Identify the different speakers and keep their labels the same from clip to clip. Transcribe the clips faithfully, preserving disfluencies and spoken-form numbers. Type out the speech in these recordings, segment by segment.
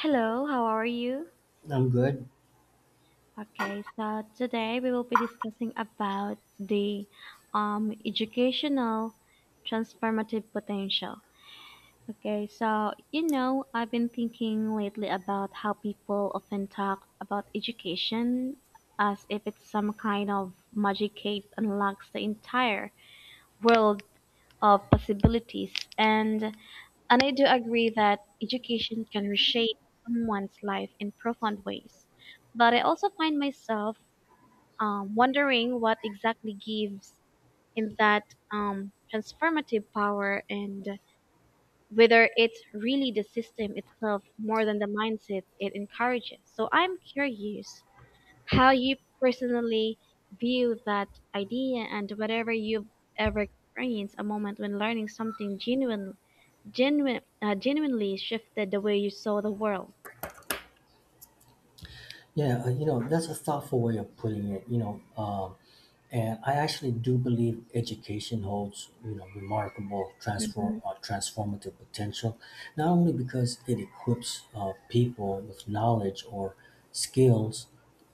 Speaker 1: Hello, how are you?
Speaker 2: I'm good.
Speaker 1: Okay, so today we will be discussing about the um, educational transformative potential. Okay, so you know, I've been thinking lately about how people often talk about education as if it's some kind of magic key that unlocks the entire world of possibilities. And And I do agree that education can reshape someone's life in profound ways. But I also find myself um, wondering what exactly gives him that um, transformative power and whether it's really the system itself more than the mindset it encourages. So I'm curious how you personally view that idea and whatever you've ever experienced a moment when learning something genuinely genuine, uh, genuinely shifted the way you saw the world.
Speaker 2: Yeah, uh, you know, that's a thoughtful way of putting it, you know. Um, and I actually do believe education holds, you know, remarkable transform
Speaker 1: Mhm,
Speaker 2: uh, transformative potential, not only because it equips uh, people with knowledge or skills,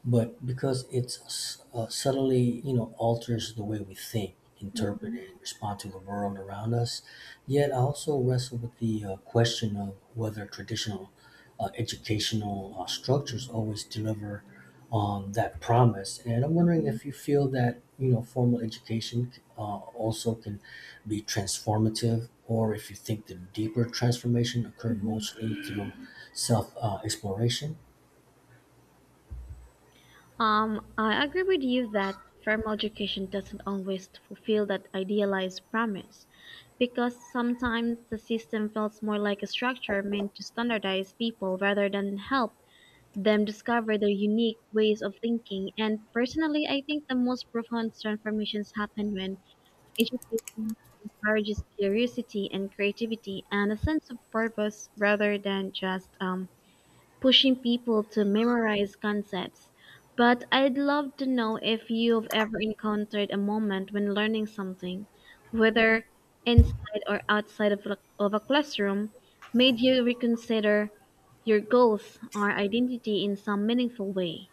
Speaker 2: but because it's uh, subtly you know alters the way we think, interpret,
Speaker 1: mhm,
Speaker 2: and respond to the world around us. Yet I also wrestle with the uh, question of whether traditional uh, educational uh, structures always deliver on that promise. And I'm wondering
Speaker 1: mhm,
Speaker 2: if you feel that you know formal education uh, also can be transformative, or if you think the deeper transformation occur
Speaker 1: mhm.
Speaker 2: mostly through self uh, exploration.
Speaker 1: Um, I agree with you that formal education doesn't always fulfill that idealized promise because sometimes the system feels more like a structure meant to standardize people rather than help them discover their unique ways of thinking. And personally, I think the most profound transformations happen when education encourages curiosity and creativity and a sense of purpose rather than just um, pushing people to memorize concepts. But I'd love to know if you've ever encountered a moment when learning something, whether inside or outside of, a- of a classroom, made you reconsider your goals or identity in some meaningful way.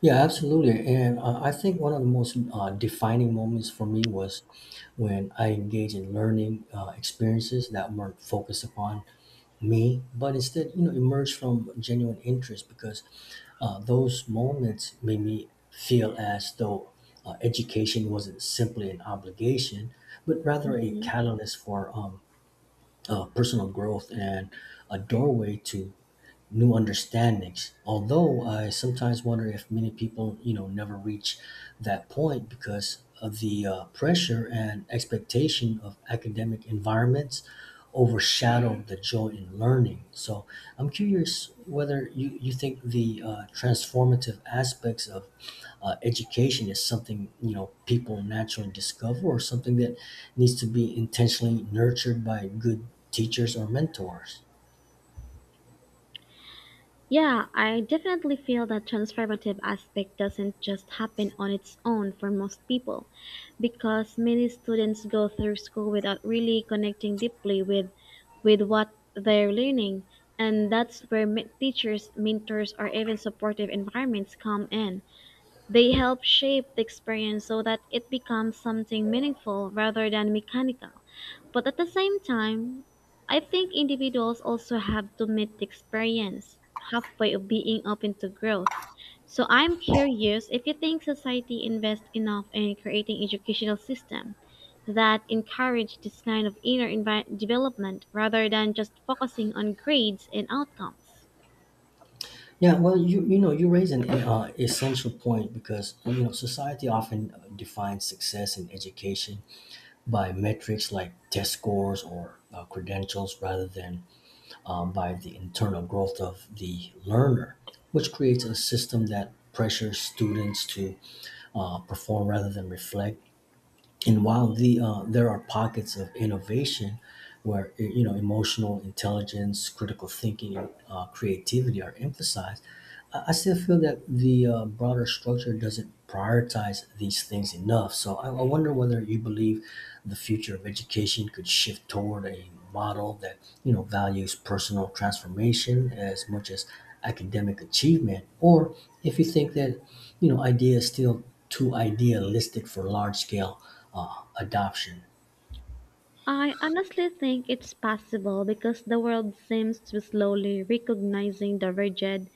Speaker 2: Yeah, absolutely. And uh, I think one of the most uh, defining moments for me was when I engaged in learning uh, experiences that weren't focused upon me, but instead, you know, emerged from genuine interest, because uh, those moments made me feel as though uh, education wasn't simply an obligation, but rather a
Speaker 1: Mhm.
Speaker 2: catalyst for um, uh, personal growth and a doorway to new understandings. Although I sometimes wonder if many people, you know, never reach that point because of the uh, pressure and expectation of academic environments overshadow the joy in learning. So I'm curious whether you, you think the uh, transformative aspects of uh, education is something, you know, people naturally discover or something that needs to be intentionally nurtured by good teachers or mentors.
Speaker 1: Yeah, I definitely feel that transformative aspect doesn't just happen on its own for most people because many students go through school without really connecting deeply with with what they're learning, and that's where men- teachers, mentors, or even supportive environments come in. They help shape the experience so that it becomes something meaningful rather than mechanical. But at the same time, I think individuals also have to meet the experience halfway of being open to growth. So I'm curious if you think society invests enough in creating educational system that encourage this kind of inner envi- development rather than just focusing on grades and outcomes.
Speaker 2: Yeah, well, you you know, you raise an uh, essential point, because you know society often uh, defines success in education by metrics like test scores or uh, credentials, rather than um, by the internal growth of the learner, which creates a system that pressures students to uh, perform rather than reflect. And while the uh, there are pockets of innovation where you know emotional intelligence, critical thinking, and uh, creativity are emphasized, I I still feel that the uh, broader structure doesn't prioritize these things enough. So I, I wonder whether you believe the future of education could shift toward a model that you know values personal transformation as much as academic achievement, or if you think that you know idea is still too idealistic for large scale uh, adoption.
Speaker 1: I honestly think it's possible because the world seems to be slowly recognizing the rigid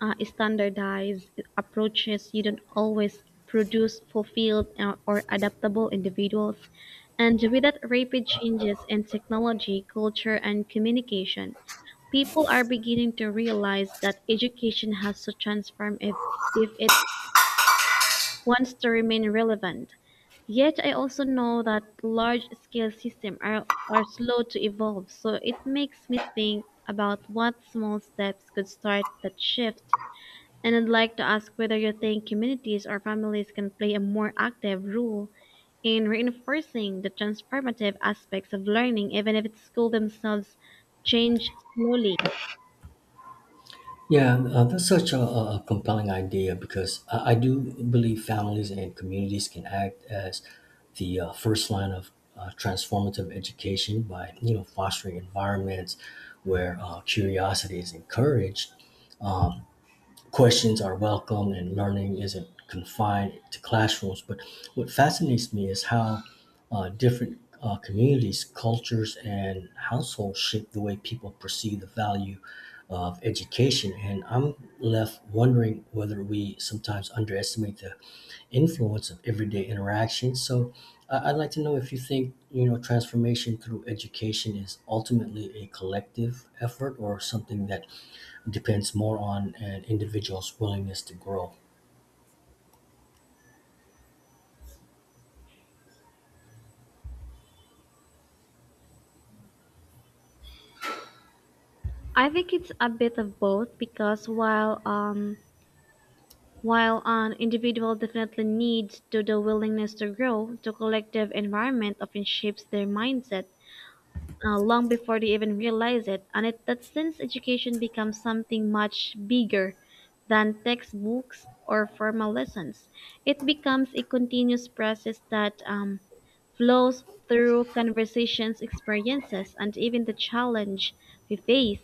Speaker 1: uh, standardized approaches You don't always produce fulfilled uh, or adaptable individuals. And with that rapid changes in technology, culture, and communication, people are beginning to realize that education has to transform if, if it wants to remain relevant. Yet I also know that large scale systems are, are slow to evolve, so it makes me think about what small steps could start that shift, and I'd like to ask whether you think communities or families can play a more active role in reinforcing the transformative aspects of learning, even if it's school themselves change slowly.
Speaker 2: Yeah, uh, that's such a, a a compelling idea, because I, I do believe families and communities can act as the uh, first line of uh, transformative education by you know fostering environments where uh, curiosity is encouraged, questions are welcome, and learning isn't confined to classrooms. But what fascinates me is how uh, different uh, communities, cultures, and households shape the way people perceive the value of education. And I'm left wondering whether we sometimes underestimate the influence of everyday interactions. So I- I'd like to know if you think, you know, transformation through education is ultimately a collective effort or something that depends more on an individual's willingness to grow.
Speaker 1: I think it's a bit of both because while um while an individual definitely needs to the willingness to grow, the collective environment often shapes their mindset uh, long before they even realize it. And it, that since education becomes something much bigger than textbooks or formal lessons, it becomes a continuous process that um, flows through conversations, experiences, and even the challenge we face.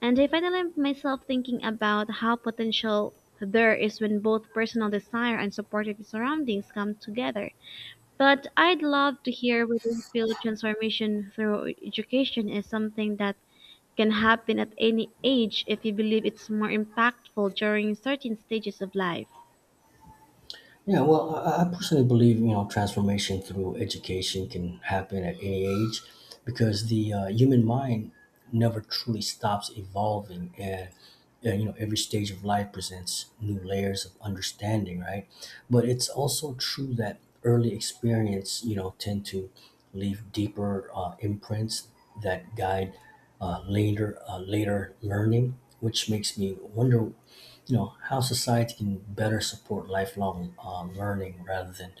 Speaker 1: And I finally myself thinking about how potential there is when both personal desire and supportive surroundings come together. But I'd love to hear whether you feel transformation through education is something that can happen at any age if you believe it's more impactful during certain stages of life.
Speaker 2: Yeah, well, I I personally believe you know transformation through education can happen at any age, because the uh, human mind never truly stops evolving, and uh, you know every stage of life presents new layers of understanding, right? But it's also true that early experience, you know, tend to leave deeper uh, imprints that guide uh, later uh, later learning, which makes me wonder you know how society can better support lifelong uh, learning rather than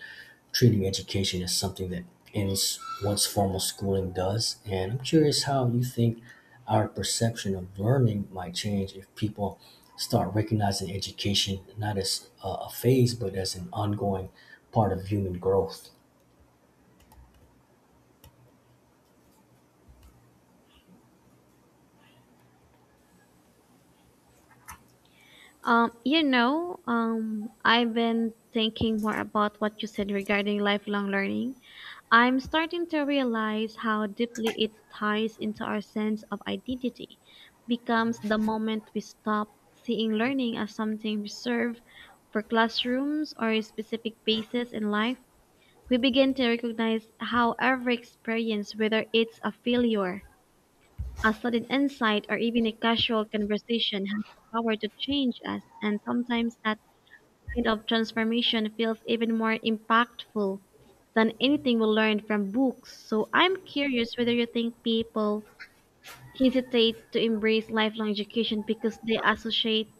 Speaker 2: treating education as something that ends once formal schooling does. And I'm curious how you think our perception of learning might change if people start recognizing education not as a a phase but as an ongoing part of human growth.
Speaker 1: Um, you know, um, I've been thinking more about what you said regarding lifelong learning. I'm starting to realize how deeply it ties into our sense of identity, becomes the moment we stop seeing learning as something reserved for classrooms or specific phases in life. We begin to recognize how every experience, whether it's a failure, a sudden insight, or even a casual conversation, has the power to change us, and sometimes that kind of transformation feels even more impactful than anything we learned from books. So I'm curious whether you think people hesitate to embrace lifelong education because they associate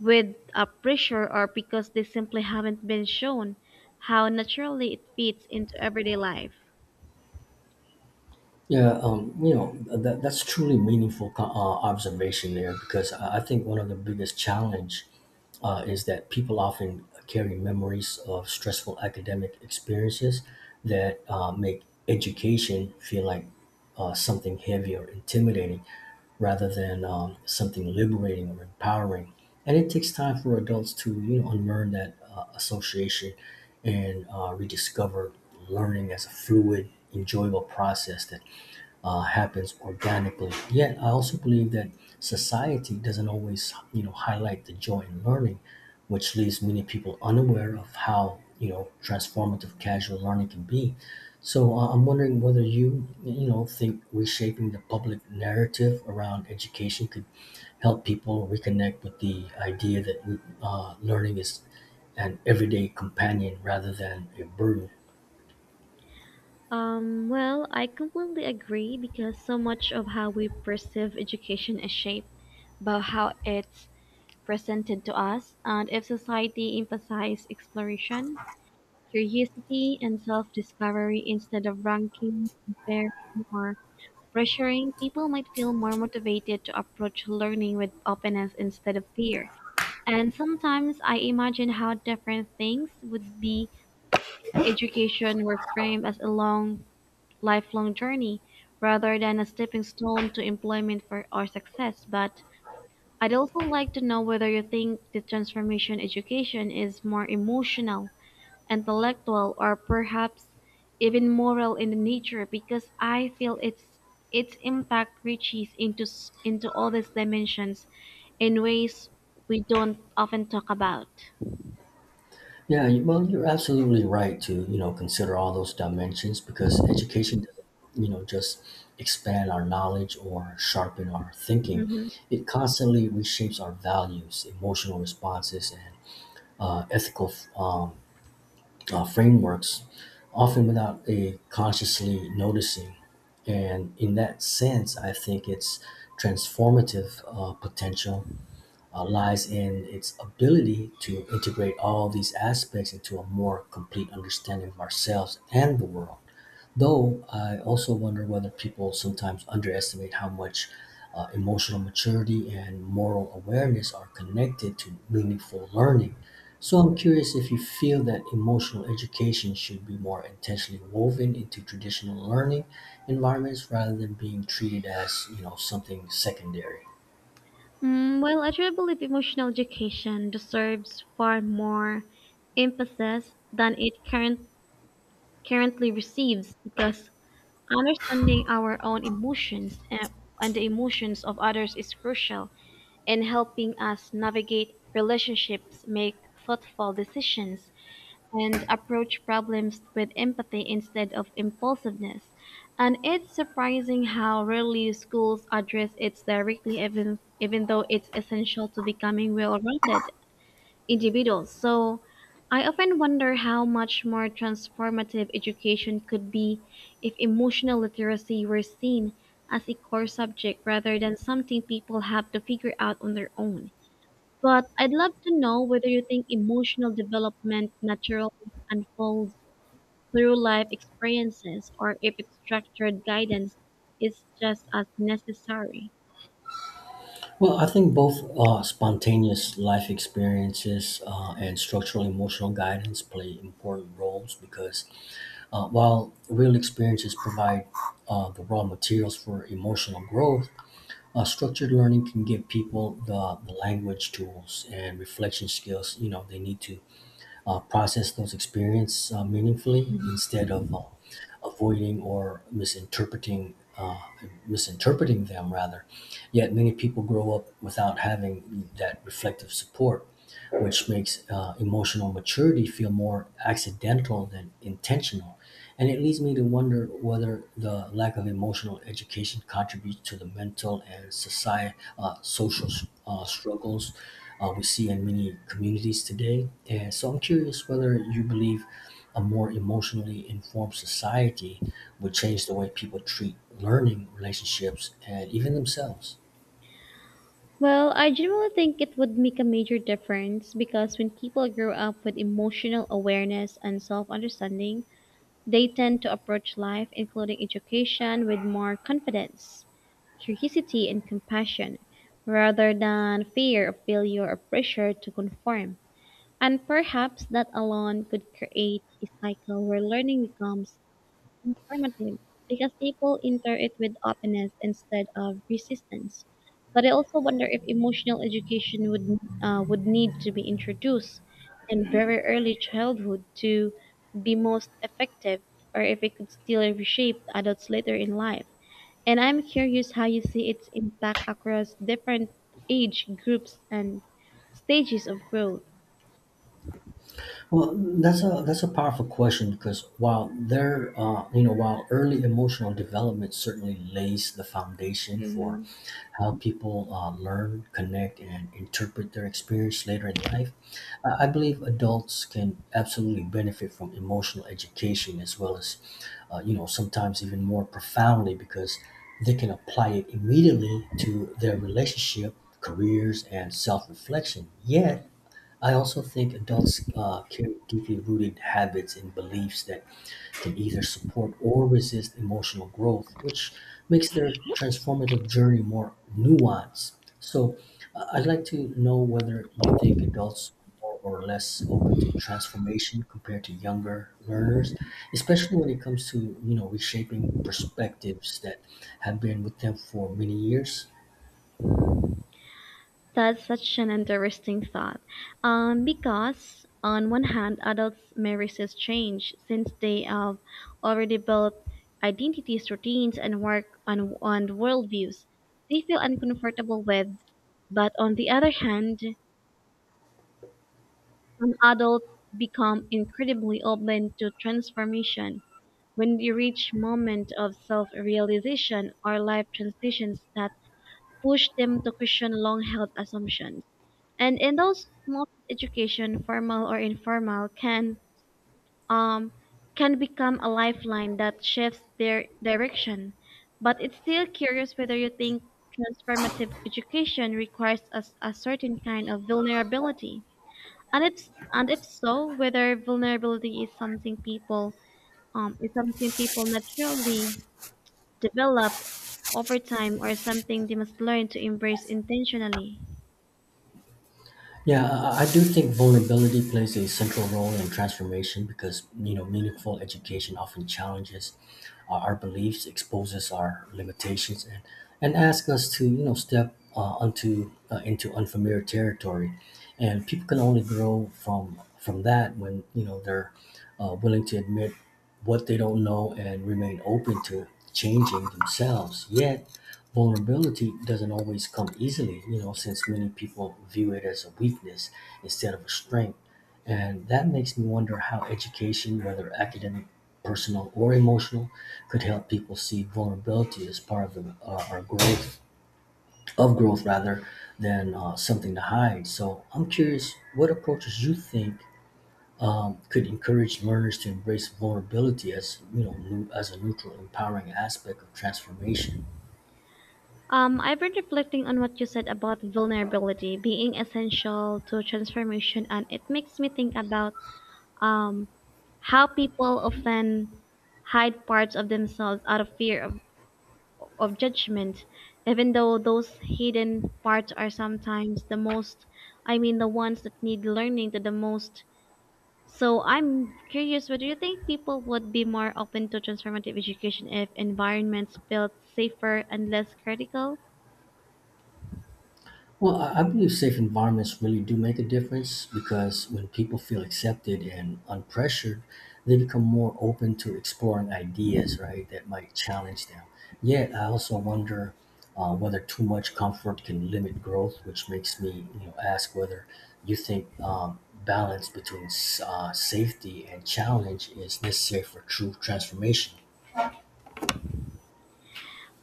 Speaker 1: with a pressure or because they simply haven't been shown how naturally it fits into everyday life.
Speaker 2: Yeah, um, you know that that's truly meaningful co- uh, observation there, because I I think one of the biggest challenge uh, is that people often carry memories of stressful academic experiences that uh, make education feel like uh, something heavy or intimidating, rather than um, something liberating or empowering. And it takes time for adults to you know unlearn that uh, association and uh, rediscover learning as a fluid, enjoyable process that uh, happens organically. Yet, I also believe that society doesn't always, you know, highlight the joy in learning, which leaves many people unaware of how, you know, transformative casual learning can be. So, uh, I'm wondering whether you, you know, think reshaping the public narrative around education could help people reconnect with the idea that uh, learning is an everyday companion rather than a burden.
Speaker 1: Um, well, I completely agree because so much of how we perceive education is shaped by how it's presented to us, and if society emphasized exploration, curiosity, and self-discovery instead of ranking, comparing, or pressuring, people might feel more motivated to approach learning with openness instead of fear. And sometimes I imagine how different things would be if education were framed as a long, lifelong journey rather than a stepping stone to employment for, or success. But I'd also like to know whether you think the transformation education is more emotional, intellectual, or perhaps even moral in the nature because I feel its its impact reaches into s- into all these dimensions in ways we don't often talk about.
Speaker 2: Yeah, you- well, you're absolutely right to, you know, consider all those dimensions, because education doesn't, you know, just expand our knowledge or sharpen our thinking.
Speaker 1: Hmm.
Speaker 2: It constantly reshapes our values, emotional responses, and uh, ethical um, uh, frameworks, often without a consciously noticing. And in that sense, I think it's transformative uh, potential uh, lies in its ability to integrate all these aspects into a more complete understanding of ourselves and the world. Though I also wonder whether people sometimes underestimate how much uh, emotional maturity and moral awareness are connected to meaningful learning. So I'm curious if you feel that emotional education should be more intentionally woven into traditional learning environments rather than being treated as, you know, something secondary.
Speaker 1: Mm, well, I truly believe emotional education deserves far more emphasis than it current, currently receives because understanding our own emotions and, and the emotions of others is crucial in helping us navigate relationships, make thoughtful decisions, and approach problems with empathy instead of impulsiveness. And it's surprising how rarely schools address it directly, even, even though it's essential to becoming well rounded individuals. So I often wonder how much more transformative education could be if emotional literacy were seen as a core subject rather than something people have to figure out on their own. But I'd love to know whether you think emotional development naturally unfolds through life experiences or if it's structured guidance is just as necessary.
Speaker 2: Well, I think both uh, spontaneous life experiences uh, and structural emotional guidance play important roles, because uh, while real experiences provide uh, the raw materials for emotional growth, uh, structured learning can give people the, the language tools and reflection skills you know they need to uh, process those experiences uh, meaningfully,
Speaker 1: Mhm.
Speaker 2: instead of uh, avoiding or misinterpreting uh, misinterpreting them rather. Yet many people grow up without having that reflective support, which makes uh, emotional maturity feel more accidental than intentional. And it leads me to wonder whether the lack of emotional education contributes to the mental and society, uh, social uh, struggles uh, we see in many communities today. And so I'm curious whether you believe a more emotionally informed society would change the way people treat learning, relationships, and even themselves.
Speaker 1: Well, I generally think it would make a major difference because when people grow up with emotional awareness and self understanding, they tend to approach life, including education, with more confidence, curiosity, and compassion, rather than fear of failure or pressure to conform. And perhaps that alone could create a cycle where learning becomes informative because people enter it with openness instead of resistance. But I also wonder if emotional education would uh, would need to be introduced in very early childhood to be most effective, or if it could still reshape adults later in life. And I'm curious how you see its impact across different age groups and stages of growth.
Speaker 2: Well, that's a that's a powerful question, because while there, uh, you know, while early emotional development certainly lays the foundation for
Speaker 1: Hmm.
Speaker 2: how people uh, learn, connect, and interpret their experience later in life, uh, I believe adults can absolutely benefit from emotional education as well as, uh, you know, sometimes even more profoundly, because they can apply it immediately to their relationship, careers, and self-reflection. Yet I also think adults uh, carry deeply rooted habits and beliefs that can either support or resist emotional growth, which makes their transformative journey more nuanced. So, uh, I'd like to know whether you think adults are more or less open to transformation compared to younger learners, especially when it comes to you know reshaping perspectives that have been with them for many years.
Speaker 1: That's such an interesting thought. Um, because on one hand, adults may resist change since they have already built identities, routines, and work on on worldviews they feel uncomfortable with. But on the other hand, some adults become incredibly open to transformation when they reach moment of self-realization or life transitions that push them to question long-held assumptions. And in those moments, education, formal or informal, can um can become a lifeline that shifts their direction. But it's still curious whether you think transformative education requires a, s- a certain kind of vulnerability. And if and if so, whether vulnerability is something people um is something people naturally develop over time or something they must learn to embrace intentionally.
Speaker 2: Yeah, I I do think vulnerability plays a central role in transformation, because you know meaningful education often challenges our, our beliefs, exposes our limitations, and and asks us to you know step uh, onto uh, into unfamiliar territory, and people can only grow from from that when you know they're uh, willing to admit what they don't know and remain open to changing themselves. Yet vulnerability doesn't always come easily, you know, since many people view it as a weakness instead of a strength. And that makes me wonder how education, whether academic, personal, or emotional, could help people see vulnerability as part of the, uh, our growth, of growth rather than uh, something to hide. So I'm curious, what approaches you think um, could encourage learners to embrace vulnerability as you know, new, as a neutral, empowering aspect of transformation?
Speaker 1: Um, I've been reflecting on what you said about vulnerability being essential to transformation, and it makes me think about um, how people often hide parts of themselves out of fear of, of judgment, even though those hidden parts are sometimes the most, I mean, the ones that need learning to the most. So I'm curious, what do you think people would be more open to transformative education if environments felt safer and less critical?
Speaker 2: Well, I I believe safe environments really do make a difference, because when people feel accepted and unpressured, they become more open to exploring ideas, right, that might challenge them. Yet, I also wonder uh, whether too much comfort can limit growth, which makes me, you know, ask whether you think um, balance between s- uh, safety and challenge is necessary for true transformation.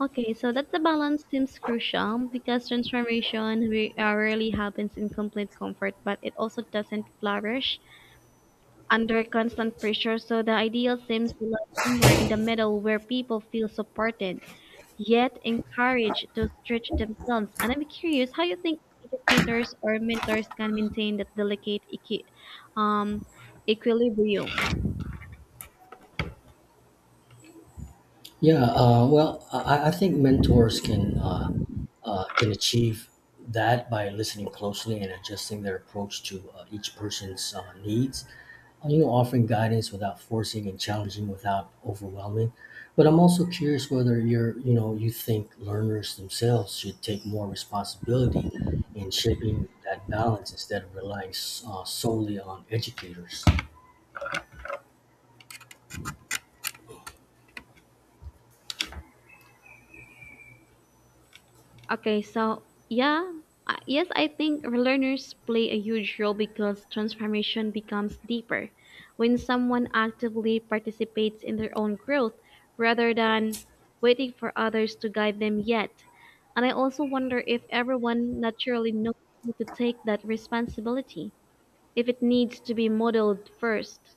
Speaker 1: Okay, so that's the balance seems crucial because transformation re- uh, rarely happens in complete comfort, but it also doesn't flourish under constant pressure. So the ideal seems to lie somewhere in the middle where people feel supported, yet encouraged to stretch themselves. And I'm curious how you think educators or mentors can maintain that delicate equi- um, equilibrium.
Speaker 2: Yeah, uh, well, I, I think mentors can uh, uh, can achieve that by listening closely and adjusting their approach to uh, each person's uh, needs. Uh, you know, offering guidance without forcing and challenging without overwhelming. But I'm also curious whether you're, you know, you think learners themselves should take more responsibility in shaping that balance instead of relying s- uh, solely on educators.
Speaker 1: Okay, so yeah, I- yes, I think learners play a huge role because transformation becomes deeper when someone actively participates in their own growth rather than waiting for others to guide them yet. And I also wonder if everyone naturally knows how to take that responsibility, if it needs to be modeled first.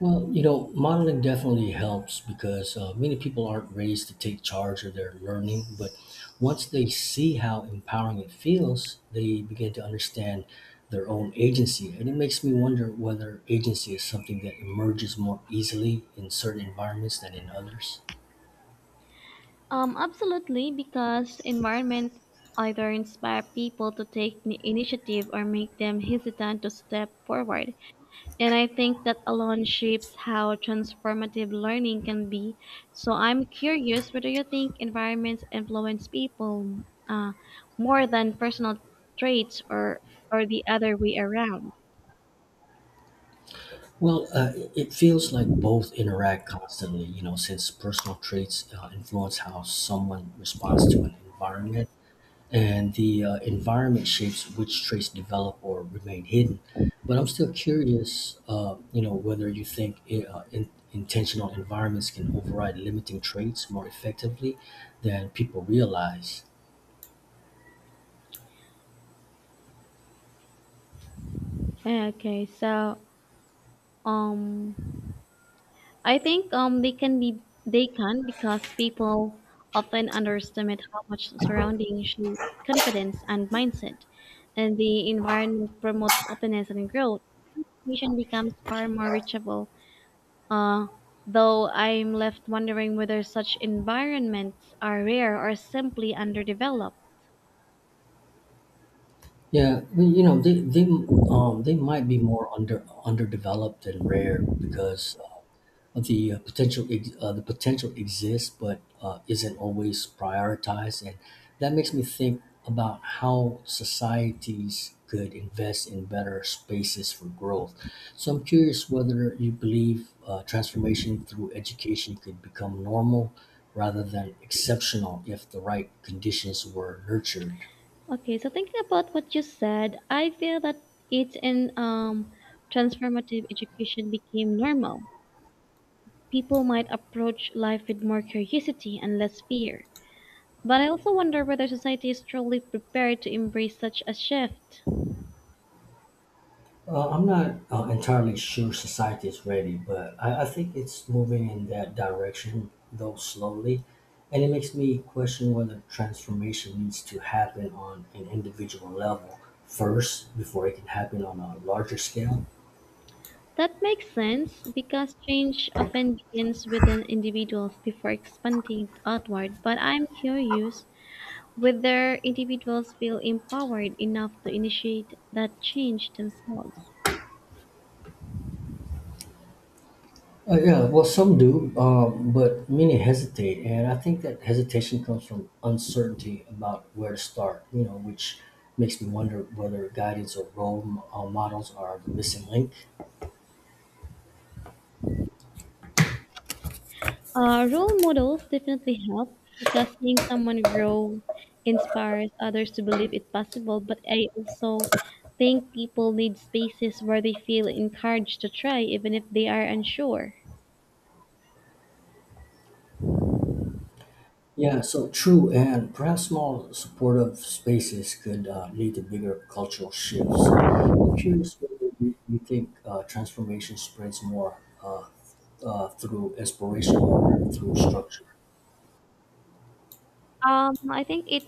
Speaker 2: Well, you know, modeling definitely helps, because uh, many people aren't raised to take charge of their learning. But once they see how empowering it feels, they begin to understand their own agency. And it makes me wonder whether agency is something that emerges more easily in certain environments than in others.
Speaker 1: Um, absolutely, because environment either inspire people to take ni- initiative or make them hesitant to step forward. And I think that alone shapes how transformative learning can be. So I'm curious whether you think environments influence people uh, more than personal traits or or the other way around.
Speaker 2: Well, uh, it it feels like both interact constantly, you know, since personal traits uh, influence how someone responds to an environment, and the uh, environment shapes which traits develop or remain hidden. But I'm still curious, uh, you know, whether you think i- uh, in, intentional environments can override limiting traits more effectively than people realize.
Speaker 1: Okay, so um I think um they can be they can because people often underestimate how much surrounding shape confidence and mindset, and the environment promote openness and growth. Mission becomes far more reachable. Uh, though I'm left wondering whether such environments are rare or simply underdeveloped.
Speaker 2: Yeah, I mean, you know, they they um they might be more under underdeveloped and rare because the uh, potential ex- uh, the potential exists but uh, isn't always prioritized, and that makes me think about how societies could invest in better spaces for growth. So I'm curious whether you believe uh, transformation through education could become normal rather than exceptional if the right conditions were nurtured.
Speaker 1: Okay, so thinking about what you said, I feel that it's in um transformative education became normal. People might approach life with more curiosity and less fear. But I also wonder whether society is truly prepared to embrace such a shift.
Speaker 2: Uh, I'm not uh, entirely sure society is ready, but I, I think it's moving in that direction, though slowly. And it makes me question whether transformation needs to happen on an individual level first before it can happen on a larger scale.
Speaker 1: That makes sense because change often begins within individuals before expanding outward. But I'm curious whether individuals feel empowered enough to initiate that change themselves.
Speaker 2: Uh, yeah, well, some do, um, but many hesitate, and I think that hesitation comes from uncertainty about where to start. You know, which makes me wonder whether guidance or role m- uh, models are the missing link.
Speaker 1: Uh, role models definitely help because seeing someone grow inspires others to believe it's possible. But I also think people need spaces where they feel encouraged to try, even if they are unsure.
Speaker 2: Yeah, so true, and perhaps small supportive spaces could uh, lead to bigger cultural shifts. So I'm curious whether you, you think uh, transformation spreads more uh, uh, through inspiration or through structure.
Speaker 1: Um, I think it.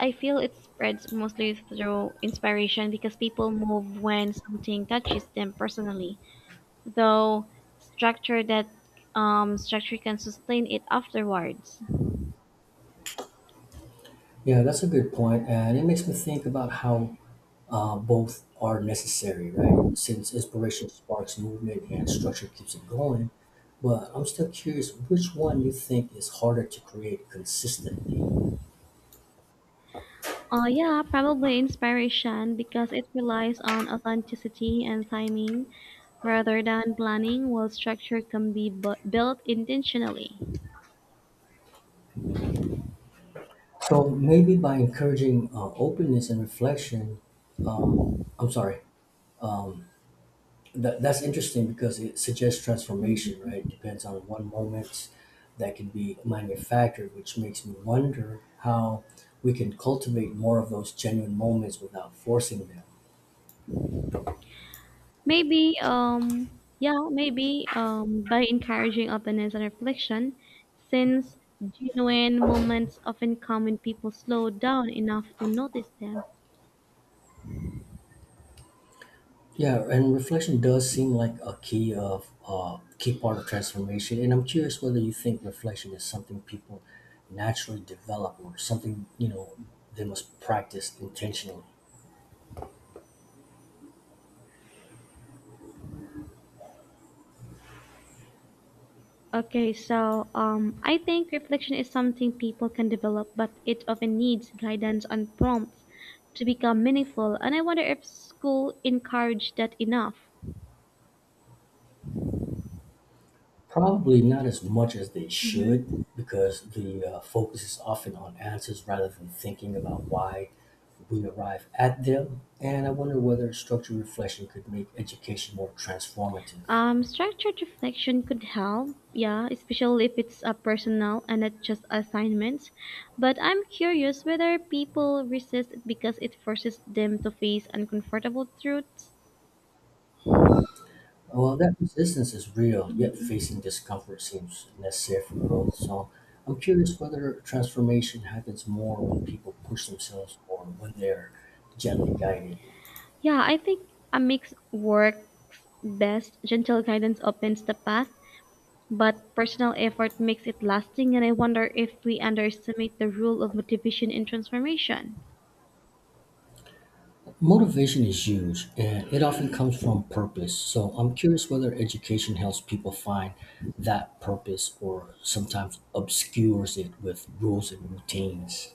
Speaker 1: I feel it spreads mostly through inspiration because people move when something touches them personally. Though structure that um, structure can sustain it afterwards.
Speaker 2: Yeah, that's a good point, and it makes me think about how uh, both are necessary, right? Since inspiration sparks movement and structure keeps it going, but I'm still curious which one you think is harder to create consistently.
Speaker 1: Uh, yeah, probably inspiration because it relies on authenticity and timing rather than planning, while structure can be bu- built intentionally.
Speaker 2: So maybe by encouraging uh, openness and reflection, um, I'm sorry. That, that's interesting because it suggests transformation, right?
Speaker 1: Mhm.
Speaker 2: Depends on one moment that can be manufactured, which makes me wonder how we can cultivate more of those genuine moments without forcing them.
Speaker 1: Maybe, um, yeah, maybe um, by encouraging openness and reflection, since genuine moments often come when people slow down enough to notice them.
Speaker 2: Yeah, and reflection does seem like a key of uh, key part of transformation. And I'm curious whether you think reflection is something people naturally develop or something, you know they must practice intentionally.
Speaker 1: Okay, so um, I think reflection is something people can develop, but it often needs guidance and prompts to become meaningful. And I wonder if school encouraged that enough.
Speaker 2: Probably not as much as they should,
Speaker 1: Hmm.
Speaker 2: because the uh, focus is often on answers rather than thinking about why we arrive at them. And I wonder whether structured reflection could make education more transformative.
Speaker 1: Um, structured reflection could help, yeah, especially if it's uh, personal and not just assignments. But I'm curious whether people resist it because it forces them to face uncomfortable truths.
Speaker 2: Well, that resistance is real, yet facing discomfort seems necessary for growth. So I'm curious whether transformation happens more when people push themselves or when they're gently guided.
Speaker 1: Yeah, I think a mix works best. Gentle guidance opens the path, but personal effort makes it lasting, and I wonder if we underestimate the role of motivation in transformation.
Speaker 2: Motivation is huge, and it often comes from purpose. So I'm curious whether education helps people find that purpose or sometimes obscures it with rules and routines.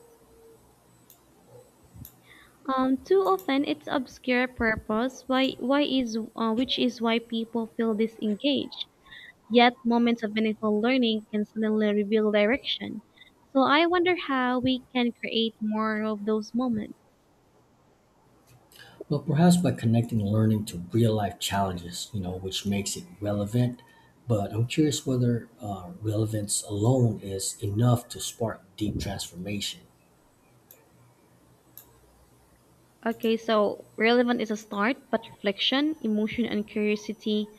Speaker 1: Um, too often it's obscure purpose why why is uh, which is why people feel disengaged. Yet moments of meaningful learning can suddenly reveal direction. So I wonder how we can create more of those moments.
Speaker 2: Well, perhaps by connecting learning to real life challenges, you know, which makes it relevant. But I'm curious whether uh, relevance alone is enough to spark deep transformation.
Speaker 1: Okay, so relevant is a start, but reflection, emotion, and curiosity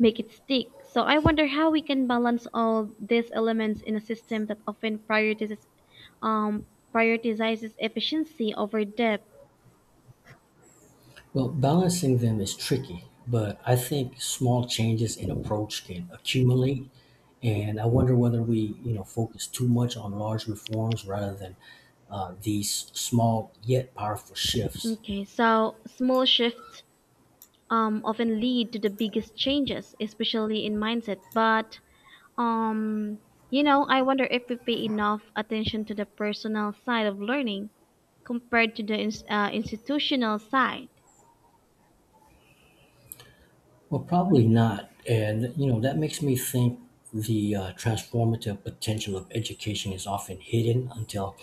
Speaker 1: make it stick. So I wonder how we can balance all these elements in a system that often prioritizes um prioritizes efficiency over depth.
Speaker 2: Well, balancing them is tricky, but I think small changes in approach can accumulate. And I wonder whether we, you know, focus too much on large reforms rather than uh, these small yet powerful shifts.
Speaker 1: Okay, so small shifts um often lead to the biggest changes, especially in mindset. But um you know, I wonder if we pay enough attention to the personal side of learning compared to the ins- uh, institutional side.
Speaker 2: Well, probably not. And, you know, that makes me think the uh, transformative potential of education is often hidden until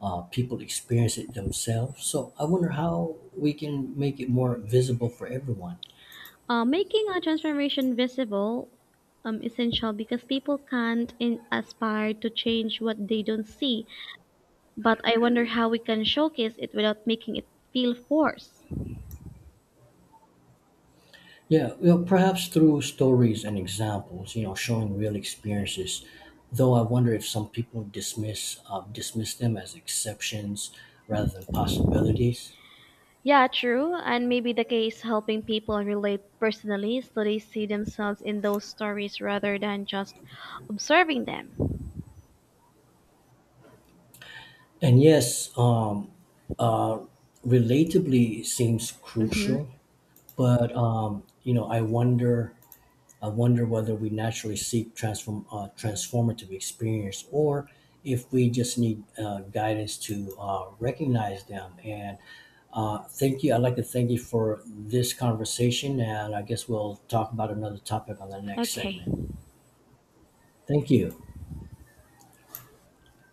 Speaker 2: uh, people experience it themselves. So I wonder how we can make it more visible for everyone.
Speaker 1: Uh, making a transformation visible um, essential because people can't in- aspire to change what they don't see. But I wonder how we can showcase it without making it feel forced.
Speaker 2: Yeah, well, perhaps through stories and examples, you know, showing real experiences. Though I wonder if some people dismiss uh, dismiss them as exceptions rather than possibilities.
Speaker 1: Yeah, true. And maybe the case helping people relate personally so they see themselves in those stories rather than just observing them.
Speaker 2: And yes, um, uh, relatably seems
Speaker 1: Mm-hmm.
Speaker 2: crucial, but um, you know, I wonder I wonder whether we naturally seek transform uh, transformative experience or if we just need uh, guidance to uh, recognize them. And uh, thank you. I'd like to thank you for this conversation, and I guess we'll talk about another topic on the next segment.
Speaker 1: Okay.
Speaker 2: Thank you.